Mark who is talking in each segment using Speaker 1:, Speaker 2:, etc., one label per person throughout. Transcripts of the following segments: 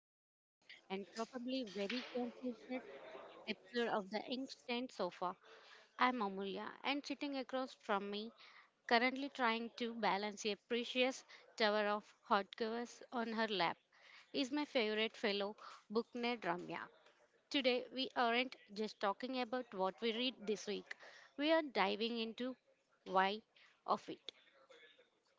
Speaker 1: very long, and probably very confused episode of the Inkstand Sofa. I'm Amulya, and sitting across from me, currently trying to balance a precious tower of hot covers on her lap, is my favorite fellow, book nerd Ramya. Today, we aren't just talking about what we read this week, we are diving into why of it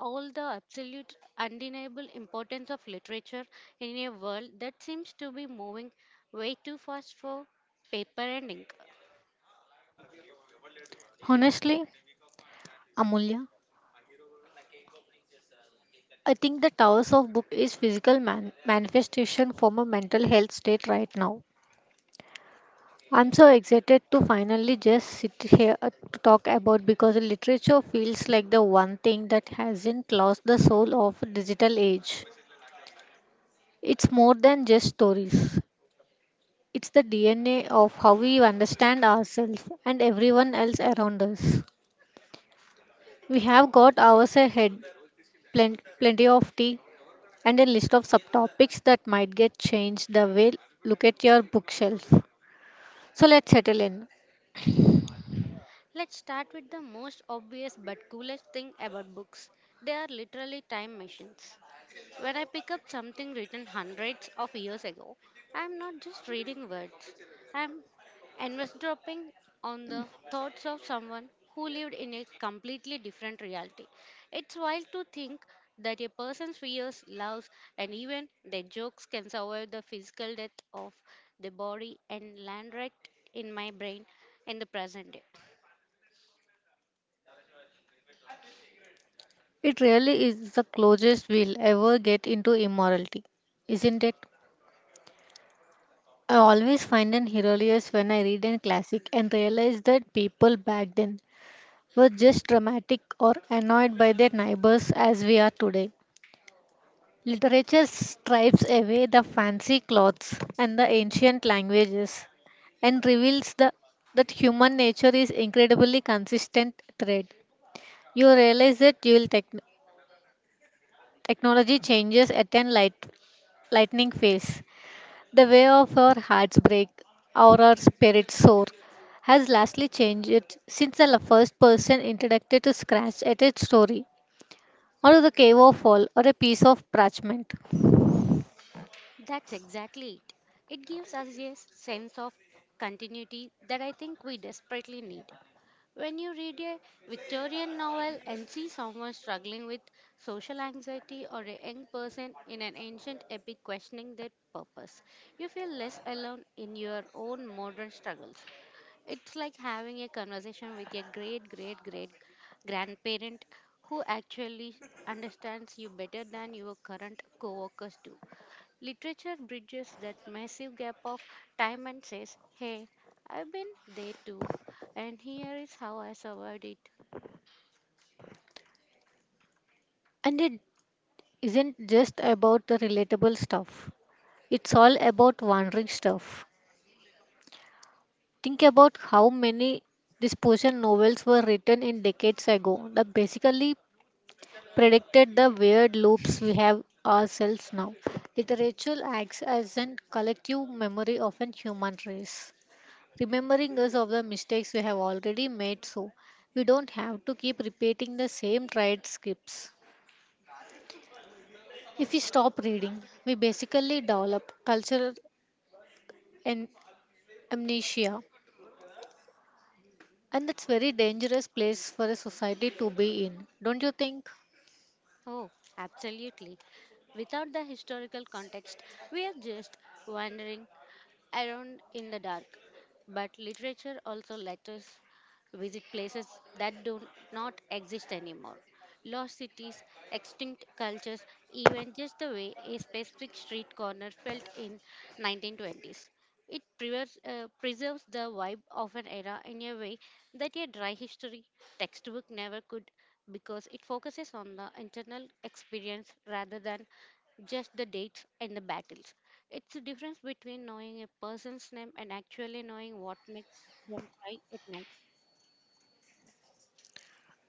Speaker 1: all the absolute undeniable importance of literature in a world that seems to be moving way too fast for paper and ink.
Speaker 2: Honestly, Amulya, I think the Towers of Book is physical manifestation from a mental health state right now. I'm so excited to finally just sit here to talk about because literature feels like the one thing that hasn't lost the soul of digital age. It's more than just stories. It's the DNA of how we understand ourselves and everyone else around us. We have got ours ahead, plenty of tea, and a list of subtopics that might get changed the way look at your bookshelf. So let's settle in.
Speaker 1: Let's start with the most obvious but coolest thing about books. They are literally time machines. When I pick up something written hundreds of years ago, I am not just reading words. I am eavesdropping on the thoughts of someone who lived in a completely different reality. It's wild to think that a person's fears, loves, and even their jokes can survive the physical death of the body and land right in my brain in the present day.
Speaker 2: It really is the closest we'll ever get into immorality, isn't it? I always find an hilarious when I read a classic and realize that people back then were just dramatic or annoyed by their neighbors as we are today. Literature strips away the fancy clothes and the ancient languages and reveals that human nature is incredibly consistent thread. You realize that dual technology changes at a lightning phase. The way of our hearts break or our spirits soar has lastly changed since the first person introduced to scratch at a story or to the cave of fall or a piece of parchment.
Speaker 1: That's exactly it. It gives us a sense of continuity that I think we desperately need. When you read a Victorian novel and see someone struggling with social anxiety or a young person in an ancient epic questioning their purpose, you feel less alone in your own modern struggles. It's like having a conversation with your great great great grandparent who actually understands you better than your current coworkers do. Literature bridges that massive gap of time and says, "Hey, I've been there too, and here is how I survived it."
Speaker 2: And it isn't just about the relatable stuff. It's all about wandering stuff. Think about how many disposition novels were written in decades ago that basically predicted the weird loops we have ourselves now. Literature acts as a collective memory of a human race, remembering us of the mistakes we have already made so we don't have to keep repeating the same tried scripts. If we stop reading, we basically develop cultural en- amnesia, and that's very dangerous place for a society to be in, don't you think?
Speaker 1: Oh, absolutely. Without the historical context, we are just wandering around in the dark. But literature also lets us visit places that do not exist anymore. Lost cities, extinct cultures, even just the way a specific street corner felt in 1920s. It preserves the vibe of an era in a way that a dry history textbook never could, because it focuses on the internal experience rather than just the dates and the battles. It's the difference between knowing a person's name and actually knowing what makes them cry at night.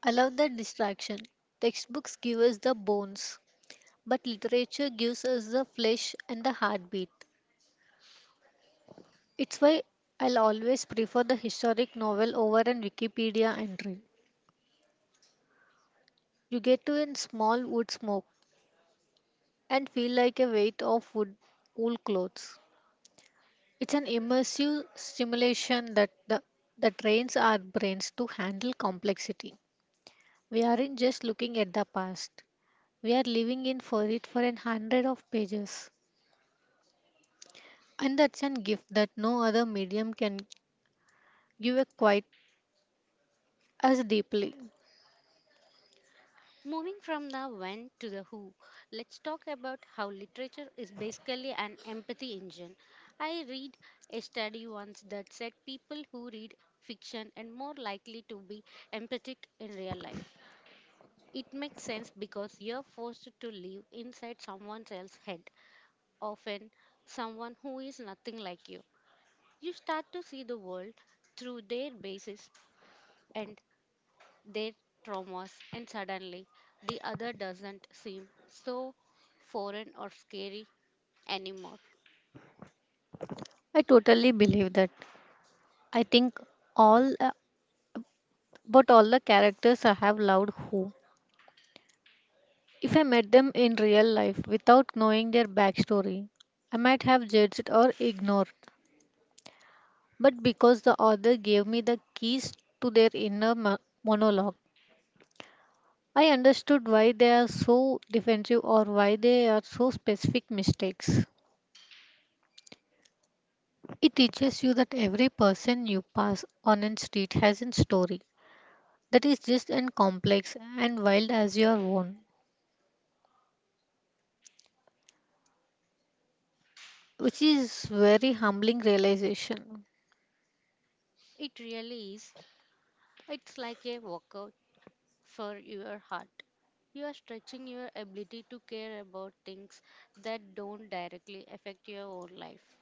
Speaker 2: I love that distraction. Textbooks give us the bones, but literature gives us the flesh and the heartbeat. It's why I'll always prefer the historic novel over an Wikipedia entry. You get to in small wood smoke and feel like a weight of wood wool clothes. It's an immersive stimulation that trains our brains to handle complexity. We aren't just looking at the past, we are living in for it for an hundred of pages. And that's a gift that no other medium can give a quite as deeply.
Speaker 1: Moving from the when to the who, let's talk about how literature is basically an empathy engine. I read a study once that said people who read fiction are more likely to be empathic in real life. It makes sense because you're forced to live inside someone else's head, often someone who is nothing like you. You start to see the world through their basis, and their traumas, and suddenly the other doesn't seem so foreign or scary anymore.
Speaker 2: I totally believe that. I think all uh, all the characters I have loved who, if I met them in real life without knowing their backstory, I might have judged or ignored. But because the author gave me the keys to their inner monologue, I understood why they are so defensive or why they are so specific mistakes. It teaches you that every person you pass on a street has a story that is just as complex and wild as your own, which is very humbling realization.
Speaker 1: It really is. It's like a workout for your heart. You are stretching your ability to care about things that don't directly affect your own life.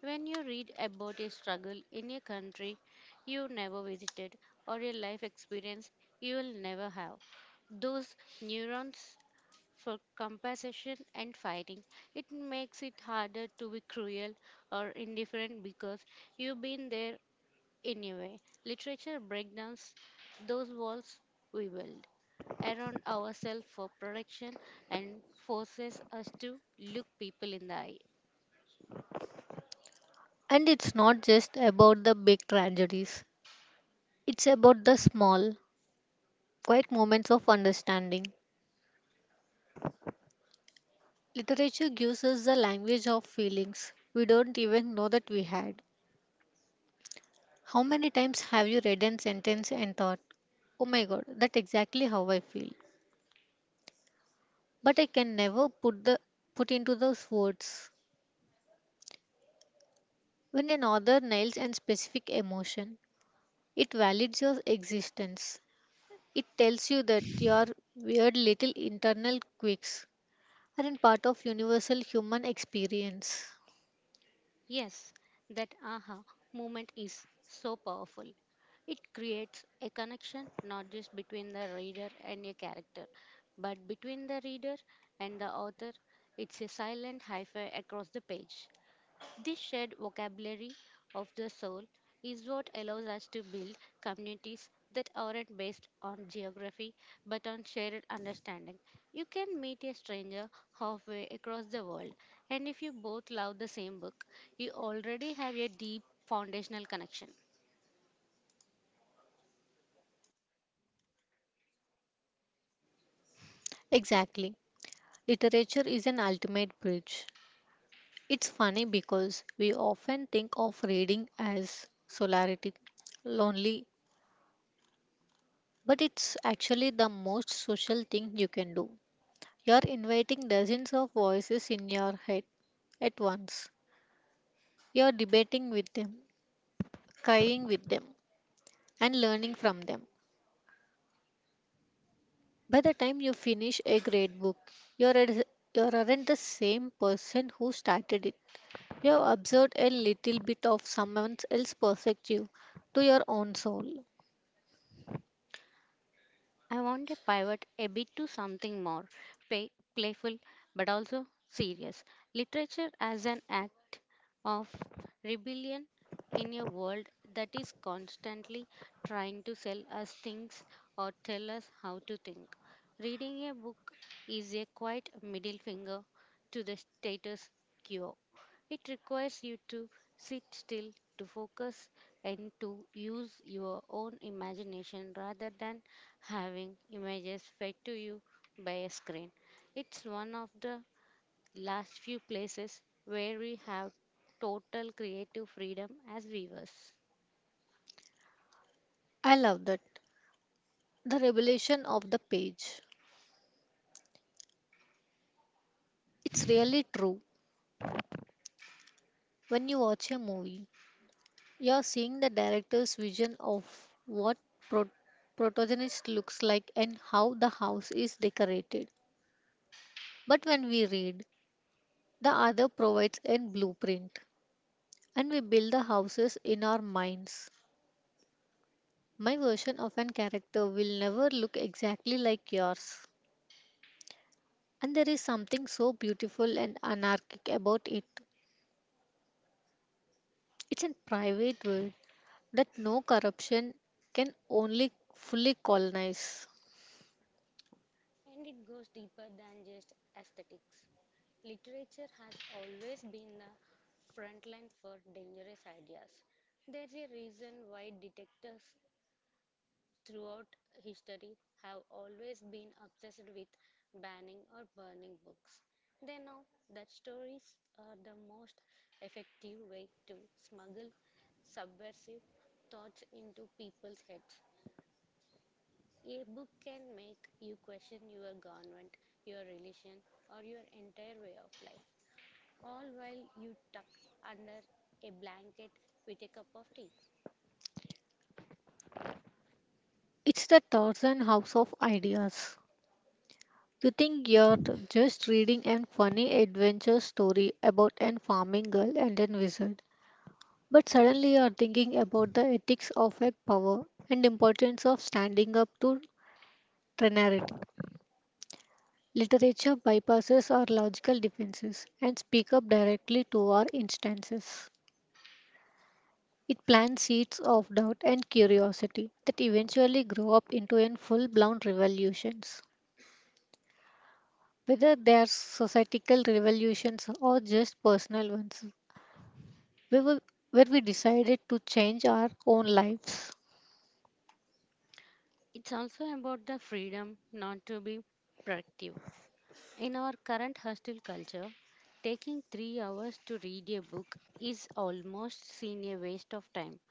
Speaker 1: When you read about a struggle in a country you never visited or a life experience you will never have, those neurons for compensation and fighting. It makes it harder to be cruel or indifferent because you've been there anyway. Literature breaks down those walls we build around ourselves for protection and forces us to look people in the eye.
Speaker 2: And it's not just about the big tragedies. It's about the small, quiet moments of understanding. Literature gives us the language of feelings we don't even know that we had. How many times have you read a sentence and thought, "Oh my god, that's exactly how I feel," but I can never put into those words. When an author nails a specific emotion, it validates your existence. It tells you that your weird little internal quirks are in part of universal human experience.
Speaker 1: Yes, that aha moment is so powerful. It creates a connection not just between the reader and a character, but between the reader and the author. It's a silent hyphen across the page. This shared vocabulary of the soul is what allows us to build communities that aren't based on geography but on shared understanding. You can meet a stranger halfway across the world, and if you both love the same book, you already have a deep foundational connection.
Speaker 2: Exactly. Literature is an ultimate bridge. It's funny because we often think of reading as solitary, lonely, but it's actually the most social thing you can do. You're inviting dozens of voices in your head at once. You're debating with them, crying with them, and learning from them. By the time you finish a great book, you're a, you aren't the same person who started it. You have observed a little bit of someone else's perspective to your own soul.
Speaker 1: I want to pivot a bit to something more playful but also serious. Literature as an act of rebellion in a world that is constantly trying to sell us things or tell us how to think. Reading a book is a quiet middle finger to the status quo. It requires you to sit still, to focus, and to use your own imagination rather than having images fed to you by a screen. It's one of the last few places where we have total creative freedom as viewers.
Speaker 2: I love that. The revelation of the page. It's really true. When you watch a movie, you're seeing the director's vision of what pro- protagonist looks like and how the house is decorated. But when we read, the other provides a blueprint, and we build the houses in our minds. My version of an character will never look exactly like yours. And there is something so beautiful and anarchic about it. It's a private world that no corruption can only fully colonize.
Speaker 1: And it goes deeper than just aesthetics. Literature has always been the front line for dangerous ideas. There's a reason why detectives throughout history have always been obsessed with banning or burning books. They know that stories are the most effective way to smuggle subversive thoughts into people's heads. A book can make you question your government, your religion, or your entire way of life, all while you tuck under a blanket with a cup of tea.
Speaker 2: It's the Tarzan House of Ideas. You think you're just reading an funny adventure story about an farming girl and a wizard, but suddenly you're thinking about the ethics of a power and importance of standing up to temerity. Literature bypasses our logical defenses and speak up directly to our instances. It plants seeds of doubt and curiosity that eventually grow up into a full-blown revolutions, whether they are societal revolutions or just personal ones, we were, where we decided to change our own lives.
Speaker 1: It's also about the freedom not to be productive. In our current hostile culture, taking 3 hours to read a book is almost seen a waste of time.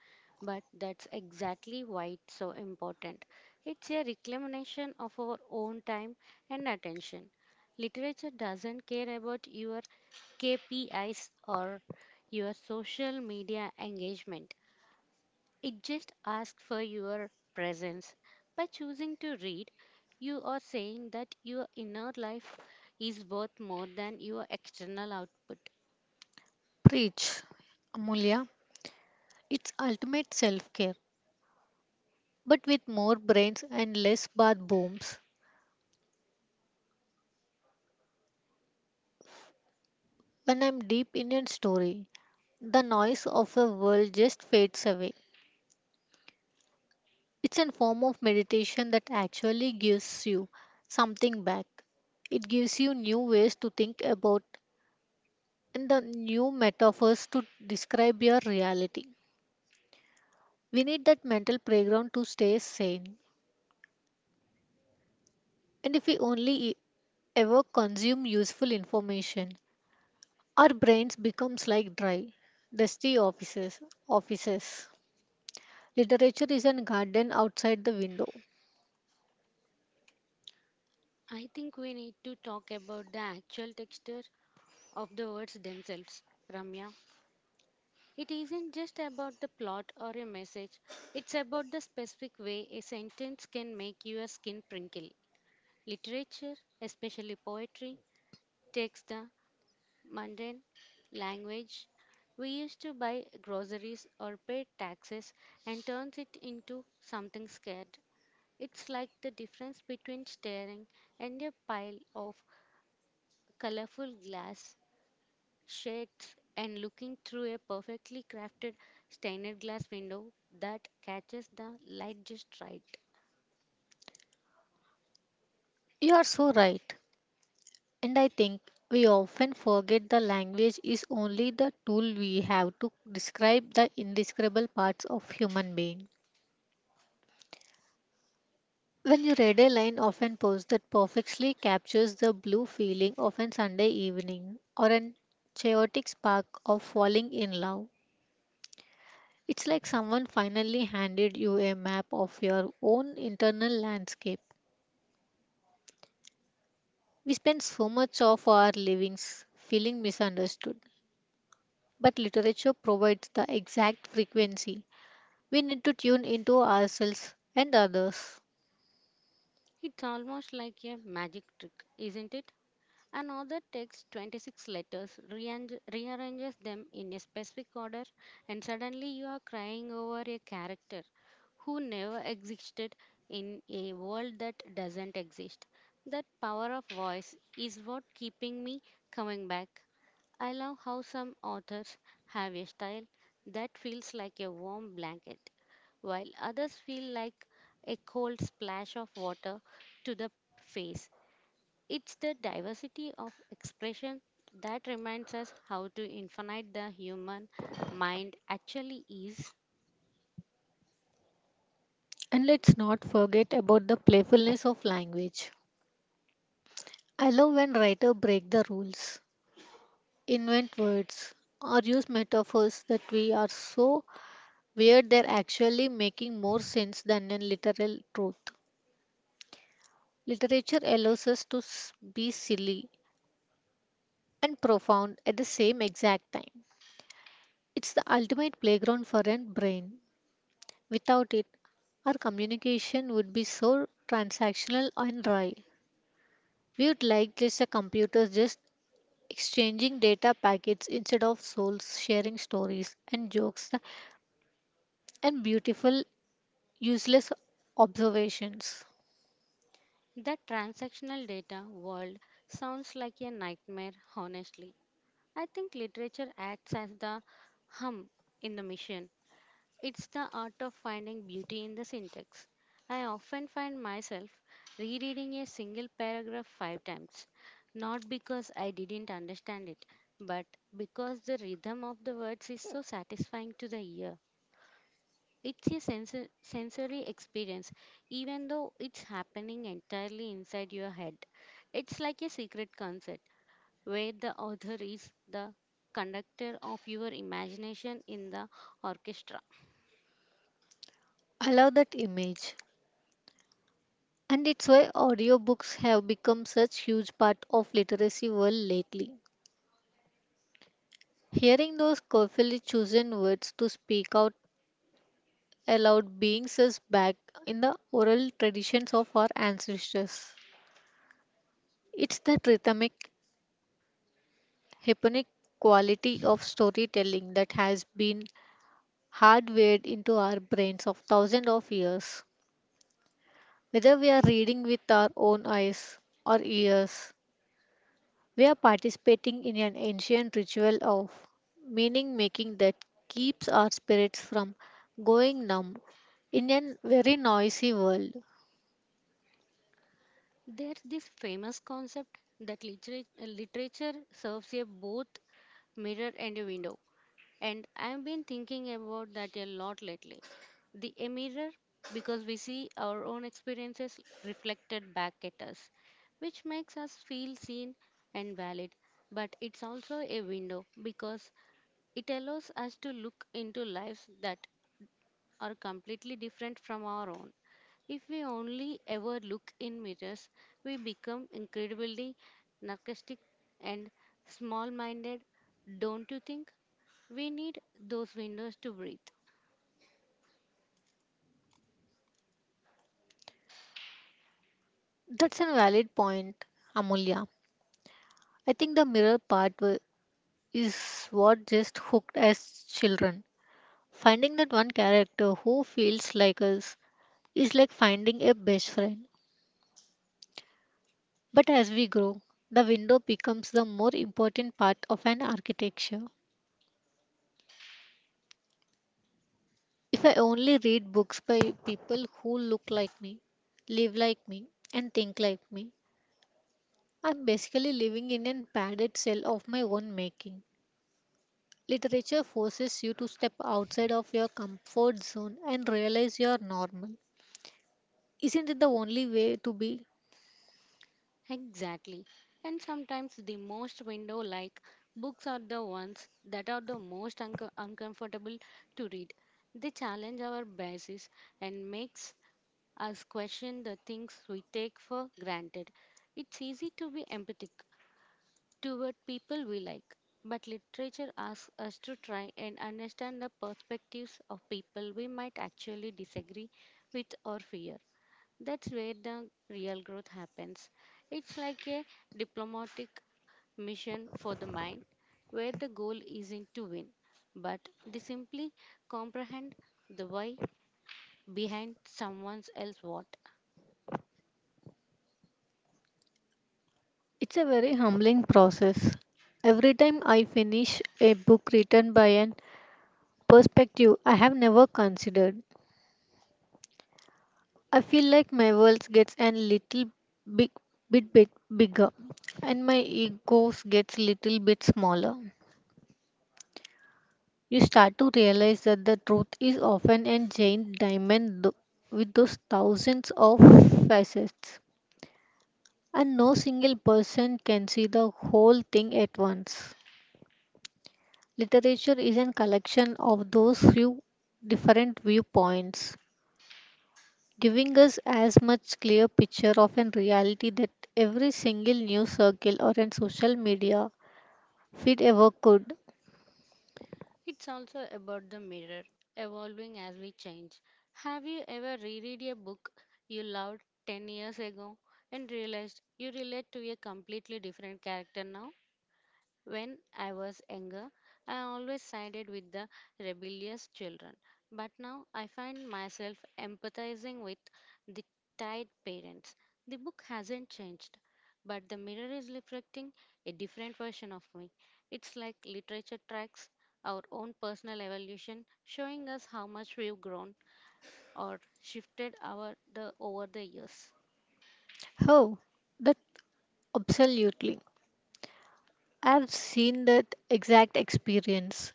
Speaker 1: But that's exactly why it's so important. It's a reclamation of our own time and attention. Literature doesn't care about your KPIs or your social media engagement. It just asks for your presence. By choosing to read, you are saying that your inner life is worth more than your external output.
Speaker 2: Preach, Amulya, it's ultimate self care, but with more brains and less bath booms. When I'm deep in a story, the noise of the world just fades away. It's a form of meditation that actually gives you something back. It gives you new ways to think about and the new metaphors to describe your reality. We need that mental playground to stay sane. And if we only ever consume useful information, our brains becomes like dry, dusty offices. Offices. Literature is a garden outside the window.
Speaker 1: I think we need to talk about the actual texture of the words themselves, Ramya. It isn't just about the plot or a message, it's about the specific way a sentence can make your skin prinkle. Literature, especially poetry, takes the mundane language. We used to buy groceries or pay taxes and turns it into something scared. It's like the difference between staring and a pile of colorful glass shades and looking through a perfectly crafted stained glass window that catches the light just right.
Speaker 2: You are so right. And I think we often forget the language is only the tool we have to describe the indescribable parts of human being. When you read a line of an post that perfectly captures the blue feeling of a Sunday evening or an chaotic spark of falling in love, it's like someone finally handed you a map of your own internal landscape. We spend so much of our livings feeling misunderstood, but literature provides the exact frequency we need to tune into ourselves and others.
Speaker 1: It's almost like a magic trick, isn't it? Another takes 26 letters, rearranges them in a specific order, and suddenly you are crying over a character who never existed in a world that doesn't exist. That power of voice is what keeping me coming back. I love how some authors have a style that feels like a warm blanket, while others feel like a cold splash of water to the face. It's the diversity of expression that reminds us how to infinite the human mind actually is.
Speaker 2: And let's not forget about the playfulness of language. I love when writers break the rules, invent words, or use metaphors that we are so weird they're actually making more sense than a literal truth. Literature allows us to be silly and profound at the same exact time. It's the ultimate playground for a brain. Without it, our communication would be so transactional and dry. We would like just a computer just exchanging data packets instead of souls, sharing stories and jokes and beautiful, useless observations.
Speaker 1: The transactional data world sounds like a nightmare, honestly. I think literature acts as the hum in the mission. It's the art of finding beauty in the syntax. I often find myself rereading a single paragraph 5 times, not because I didn't understand it, but because the rhythm of the words is so satisfying to the ear. It's a sensory experience, even though it's happening entirely inside your head. It's like a secret concert where the author is the conductor of your imagination in the orchestra.
Speaker 2: I love that image. And it's why audiobooks have become such huge part of literacy world lately. Hearing those carefully chosen words to speak out aloud brings us back in the oral traditions of our ancestors. It's that rhythmic, hypnotic quality of storytelling that has been hardwired into our brains of thousands of years. Whether we are reading with our own eyes or ears, we are participating in an ancient ritual of meaning making that keeps our spirits from going numb in a very noisy world.
Speaker 1: There's this famous concept that literature serves a both mirror and a window. And I've been thinking about that a lot lately. The a mirror, because we see our own experiences reflected back at us, which makes us feel seen and valid. But it's also a window because it allows us to look into lives that are completely different from our own. If we only ever look in mirrors, we become incredibly narcissistic and small minded. Don't you think we need those windows to breathe?
Speaker 2: That's a valid point, Amulya. I think the mirror part is what just hooked us children. Finding that one character who feels like us is like finding a best friend. But as we grow, the window becomes the more important part of an architecture. If I only read books by people who look like me, live like me, and think like me, I'm basically living in a padded cell of my own making. Literature forces you to step outside of your comfort zone and realize you're normal. Isn't it the only way to be?
Speaker 1: Exactly. And sometimes the most window like books are the ones that are the most uncomfortable to read. They challenge our biases and makes us question the things we take for granted. It's easy to be empathic toward people we like. But literature asks us to try and understand the perspectives of people we might actually disagree with or fear. That's where the real growth happens. It's like a diplomatic mission for the mind, where the goal isn't to win, but to simply comprehend the why behind someone else's what.
Speaker 2: It's a very humbling process. Every time I finish a book written by an perspective I have never considered. I feel like my world gets a little big, bit bigger, and my egos gets little bit smaller. You start to realize that the truth is often a giant diamond with those thousands of facets, and no single person can see the whole thing at once. Literature is a collection of those few different viewpoints giving us as much clear picture of a reality that every single news circle or a social media feed ever could.
Speaker 1: It's also about the mirror, evolving as we change. Have you ever reread a book you loved 10 years ago and realized you relate to a completely different character now? When I was younger, I always sided with the rebellious children, but now I find myself empathizing with the tired parents. The book hasn't changed, but the mirror is reflecting a different version of me. It's like literature tracks our own personal evolution, showing us how much we've grown or shifted our the over the years.
Speaker 2: How? That absolutely. I've seen that exact experience.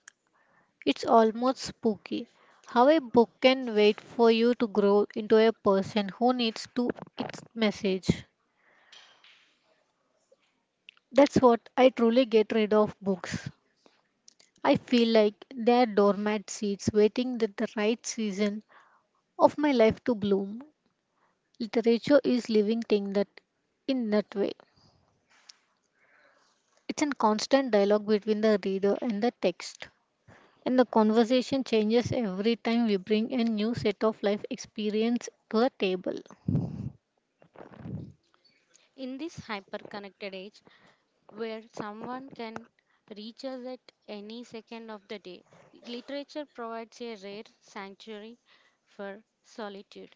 Speaker 2: It's almost spooky how a book can wait for you to grow into a person who needs to its message. That's what I truly get rid of books. I feel like they are doormat seats waiting that the right season of my life to bloom. Literature is living thing that in that way. It's a constant dialogue between the reader and the text. And the conversation changes every time we bring a new set of life experience to the table.
Speaker 1: In this hyper connected age, where someone can reach us at any second of the day. Literature provides a rare sanctuary for solitude.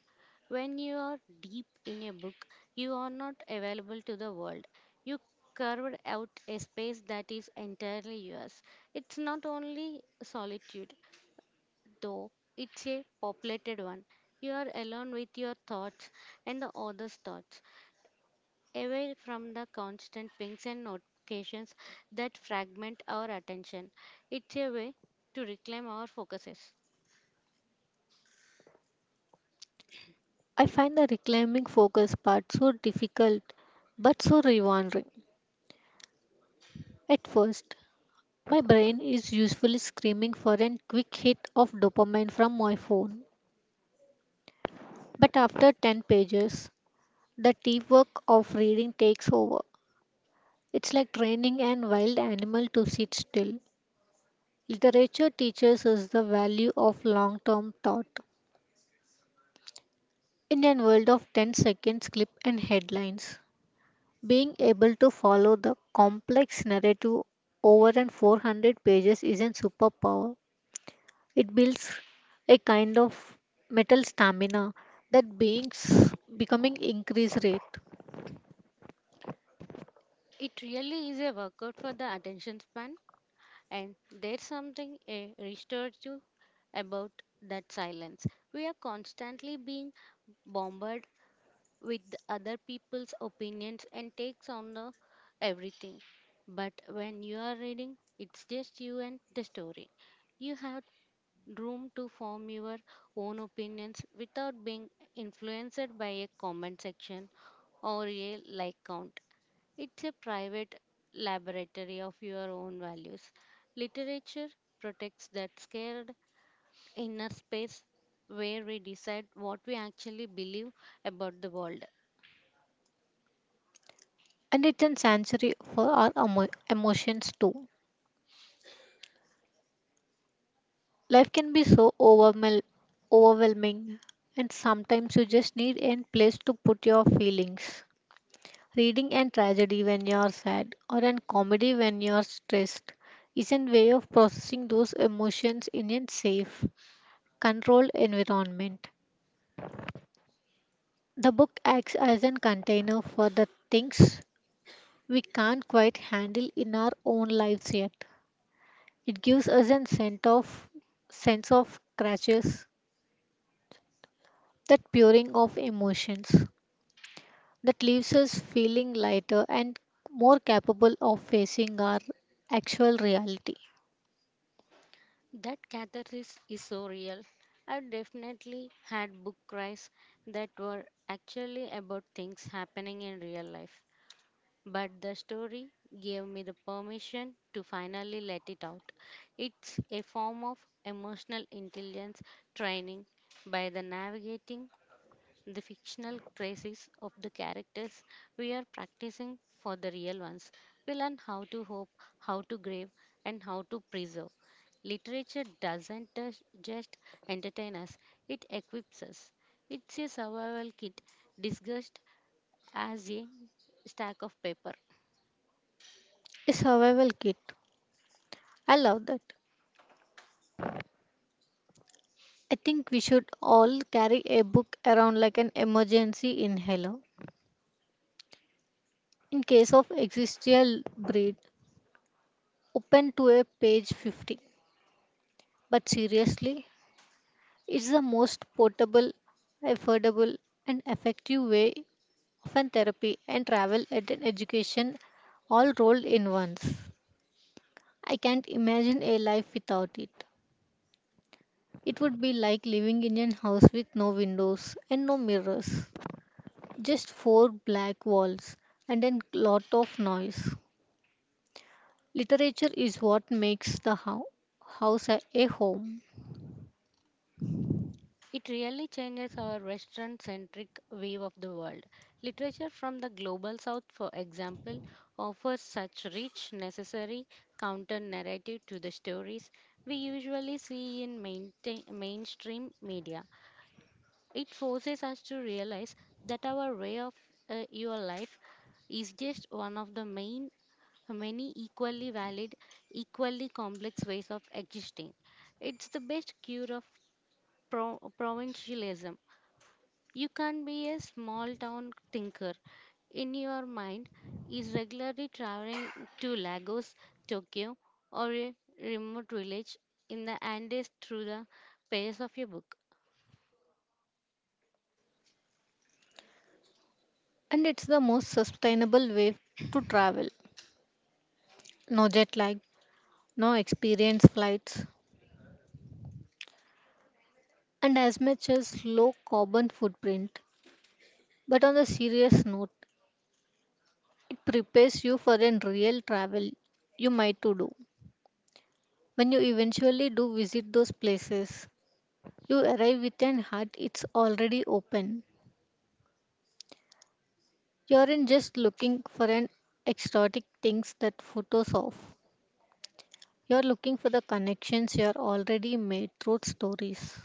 Speaker 1: When you are deep in a book, you are not available to the world. You carved out a space that is entirely yours. It's not only solitude, though, it's a populated one. You are alone with your thoughts and the other's thoughts away from the constant pings and notifications that fragment our attention. It's a way to reclaim our focuses.
Speaker 2: I find the reclaiming focus part so difficult but so rewarding. At first, my brain is usually screaming for a quick hit of dopamine from my phone. But after 10 pages, the deep work of reading takes over. It's like training an wild animal to sit still. Literature teaches us the value of long term thought. In a world of 10 seconds clip and headlines, being able to follow the complex narrative over and 400 pages is a superpower. It builds a kind of mental stamina that beings becoming increase rate.
Speaker 1: It really is a workout for the attention span, and there's something a restorative about that silence. We are constantly being bombarded with other people's opinions and takes on the everything. But when you are reading, it's just you and the story. You have room to form your own opinions without being influenced by a comment section or a like count. It's a private laboratory of your own values. Literature protects that scared inner space where we decide what we actually believe about the world.
Speaker 2: And it's a sanctuary for our emotions too. Life can be so overwhelming, and sometimes you just need a place to put your feelings. Reading and tragedy when you are sad, or in comedy when you are stressed, is a way of processing those emotions in a safe, controlled environment. The book acts as a container for the things we can't quite handle in our own lives yet. It gives us a sense of crashes, that puring of emotions, that leaves us feeling lighter and more capable of facing our actual reality.
Speaker 1: That catharsis is so real. I've definitely had book cries that were actually about things happening in real life. But the story gave me the permission to finally let it out. It's a form of emotional intelligence training by the navigating the fictional crises of the characters we are practicing for the real ones. We learn how to hope, how to grieve, and how to preserve. Literature doesn't just entertain us, it equips us. It's a survival kit disguised as a stack of paper.
Speaker 2: A survival kit. I love that. I think we should all carry a book around like an emergency inhaler in case of existential breed, open to a page 50. But seriously, it's the most portable, affordable, and effective way of an therapy and travel and an education, all rolled in once. I can't imagine a life without it. It would be like living in a house with no windows and no mirrors, just four black walls and a lot of noise. Literature is what makes the house a home,
Speaker 1: It really changes our Western centric view of the world. Literature from the global south, for example, offers such rich, necessary counter narrative to the stories we usually see in mainstream media. It forces us to realize that our way of your life is just one of the main many equally valid equally complex ways of existing. It's the best cure of provincialism. You can be a small town thinker in your mind is regularly traveling to Lagos, Tokyo, or a remote village in the Andes through the pages of your book.
Speaker 2: and it's the most sustainable way to travel. No jet lag, no experience flights, and as much as low carbon footprint. But on a serious note, it prepares you for a real travel you might to do. When you eventually do visit those places, you arrive with an heart it's already open. You aren't just looking for an exotic things that photos of. You're looking for the connections you're already made through stories.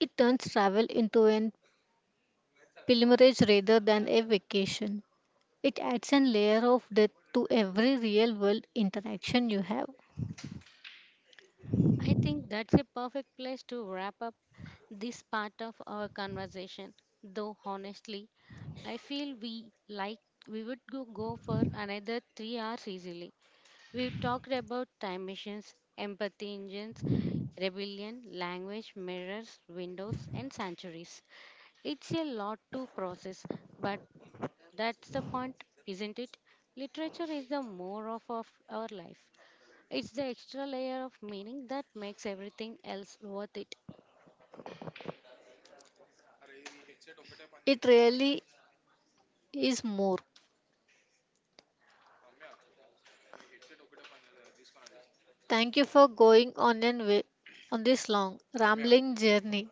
Speaker 2: It turns travel into an pilgrimage rather than a vacation. It adds an layer of depth to every real world interaction you have.
Speaker 1: I think that's a perfect place to wrap up this part of our conversation, though honestly, I feel we like we would go for another 3 hours easily. We've talked about time machines, empathy engines, rebellion, language, mirrors, windows, and sanctuaries. It's a lot to process, but that's the point, isn't it? Literature is the more of our life. It's the extra layer of meaning that makes everything else worth it.
Speaker 2: It really is more. Thank you for going on and on this long rambling journey.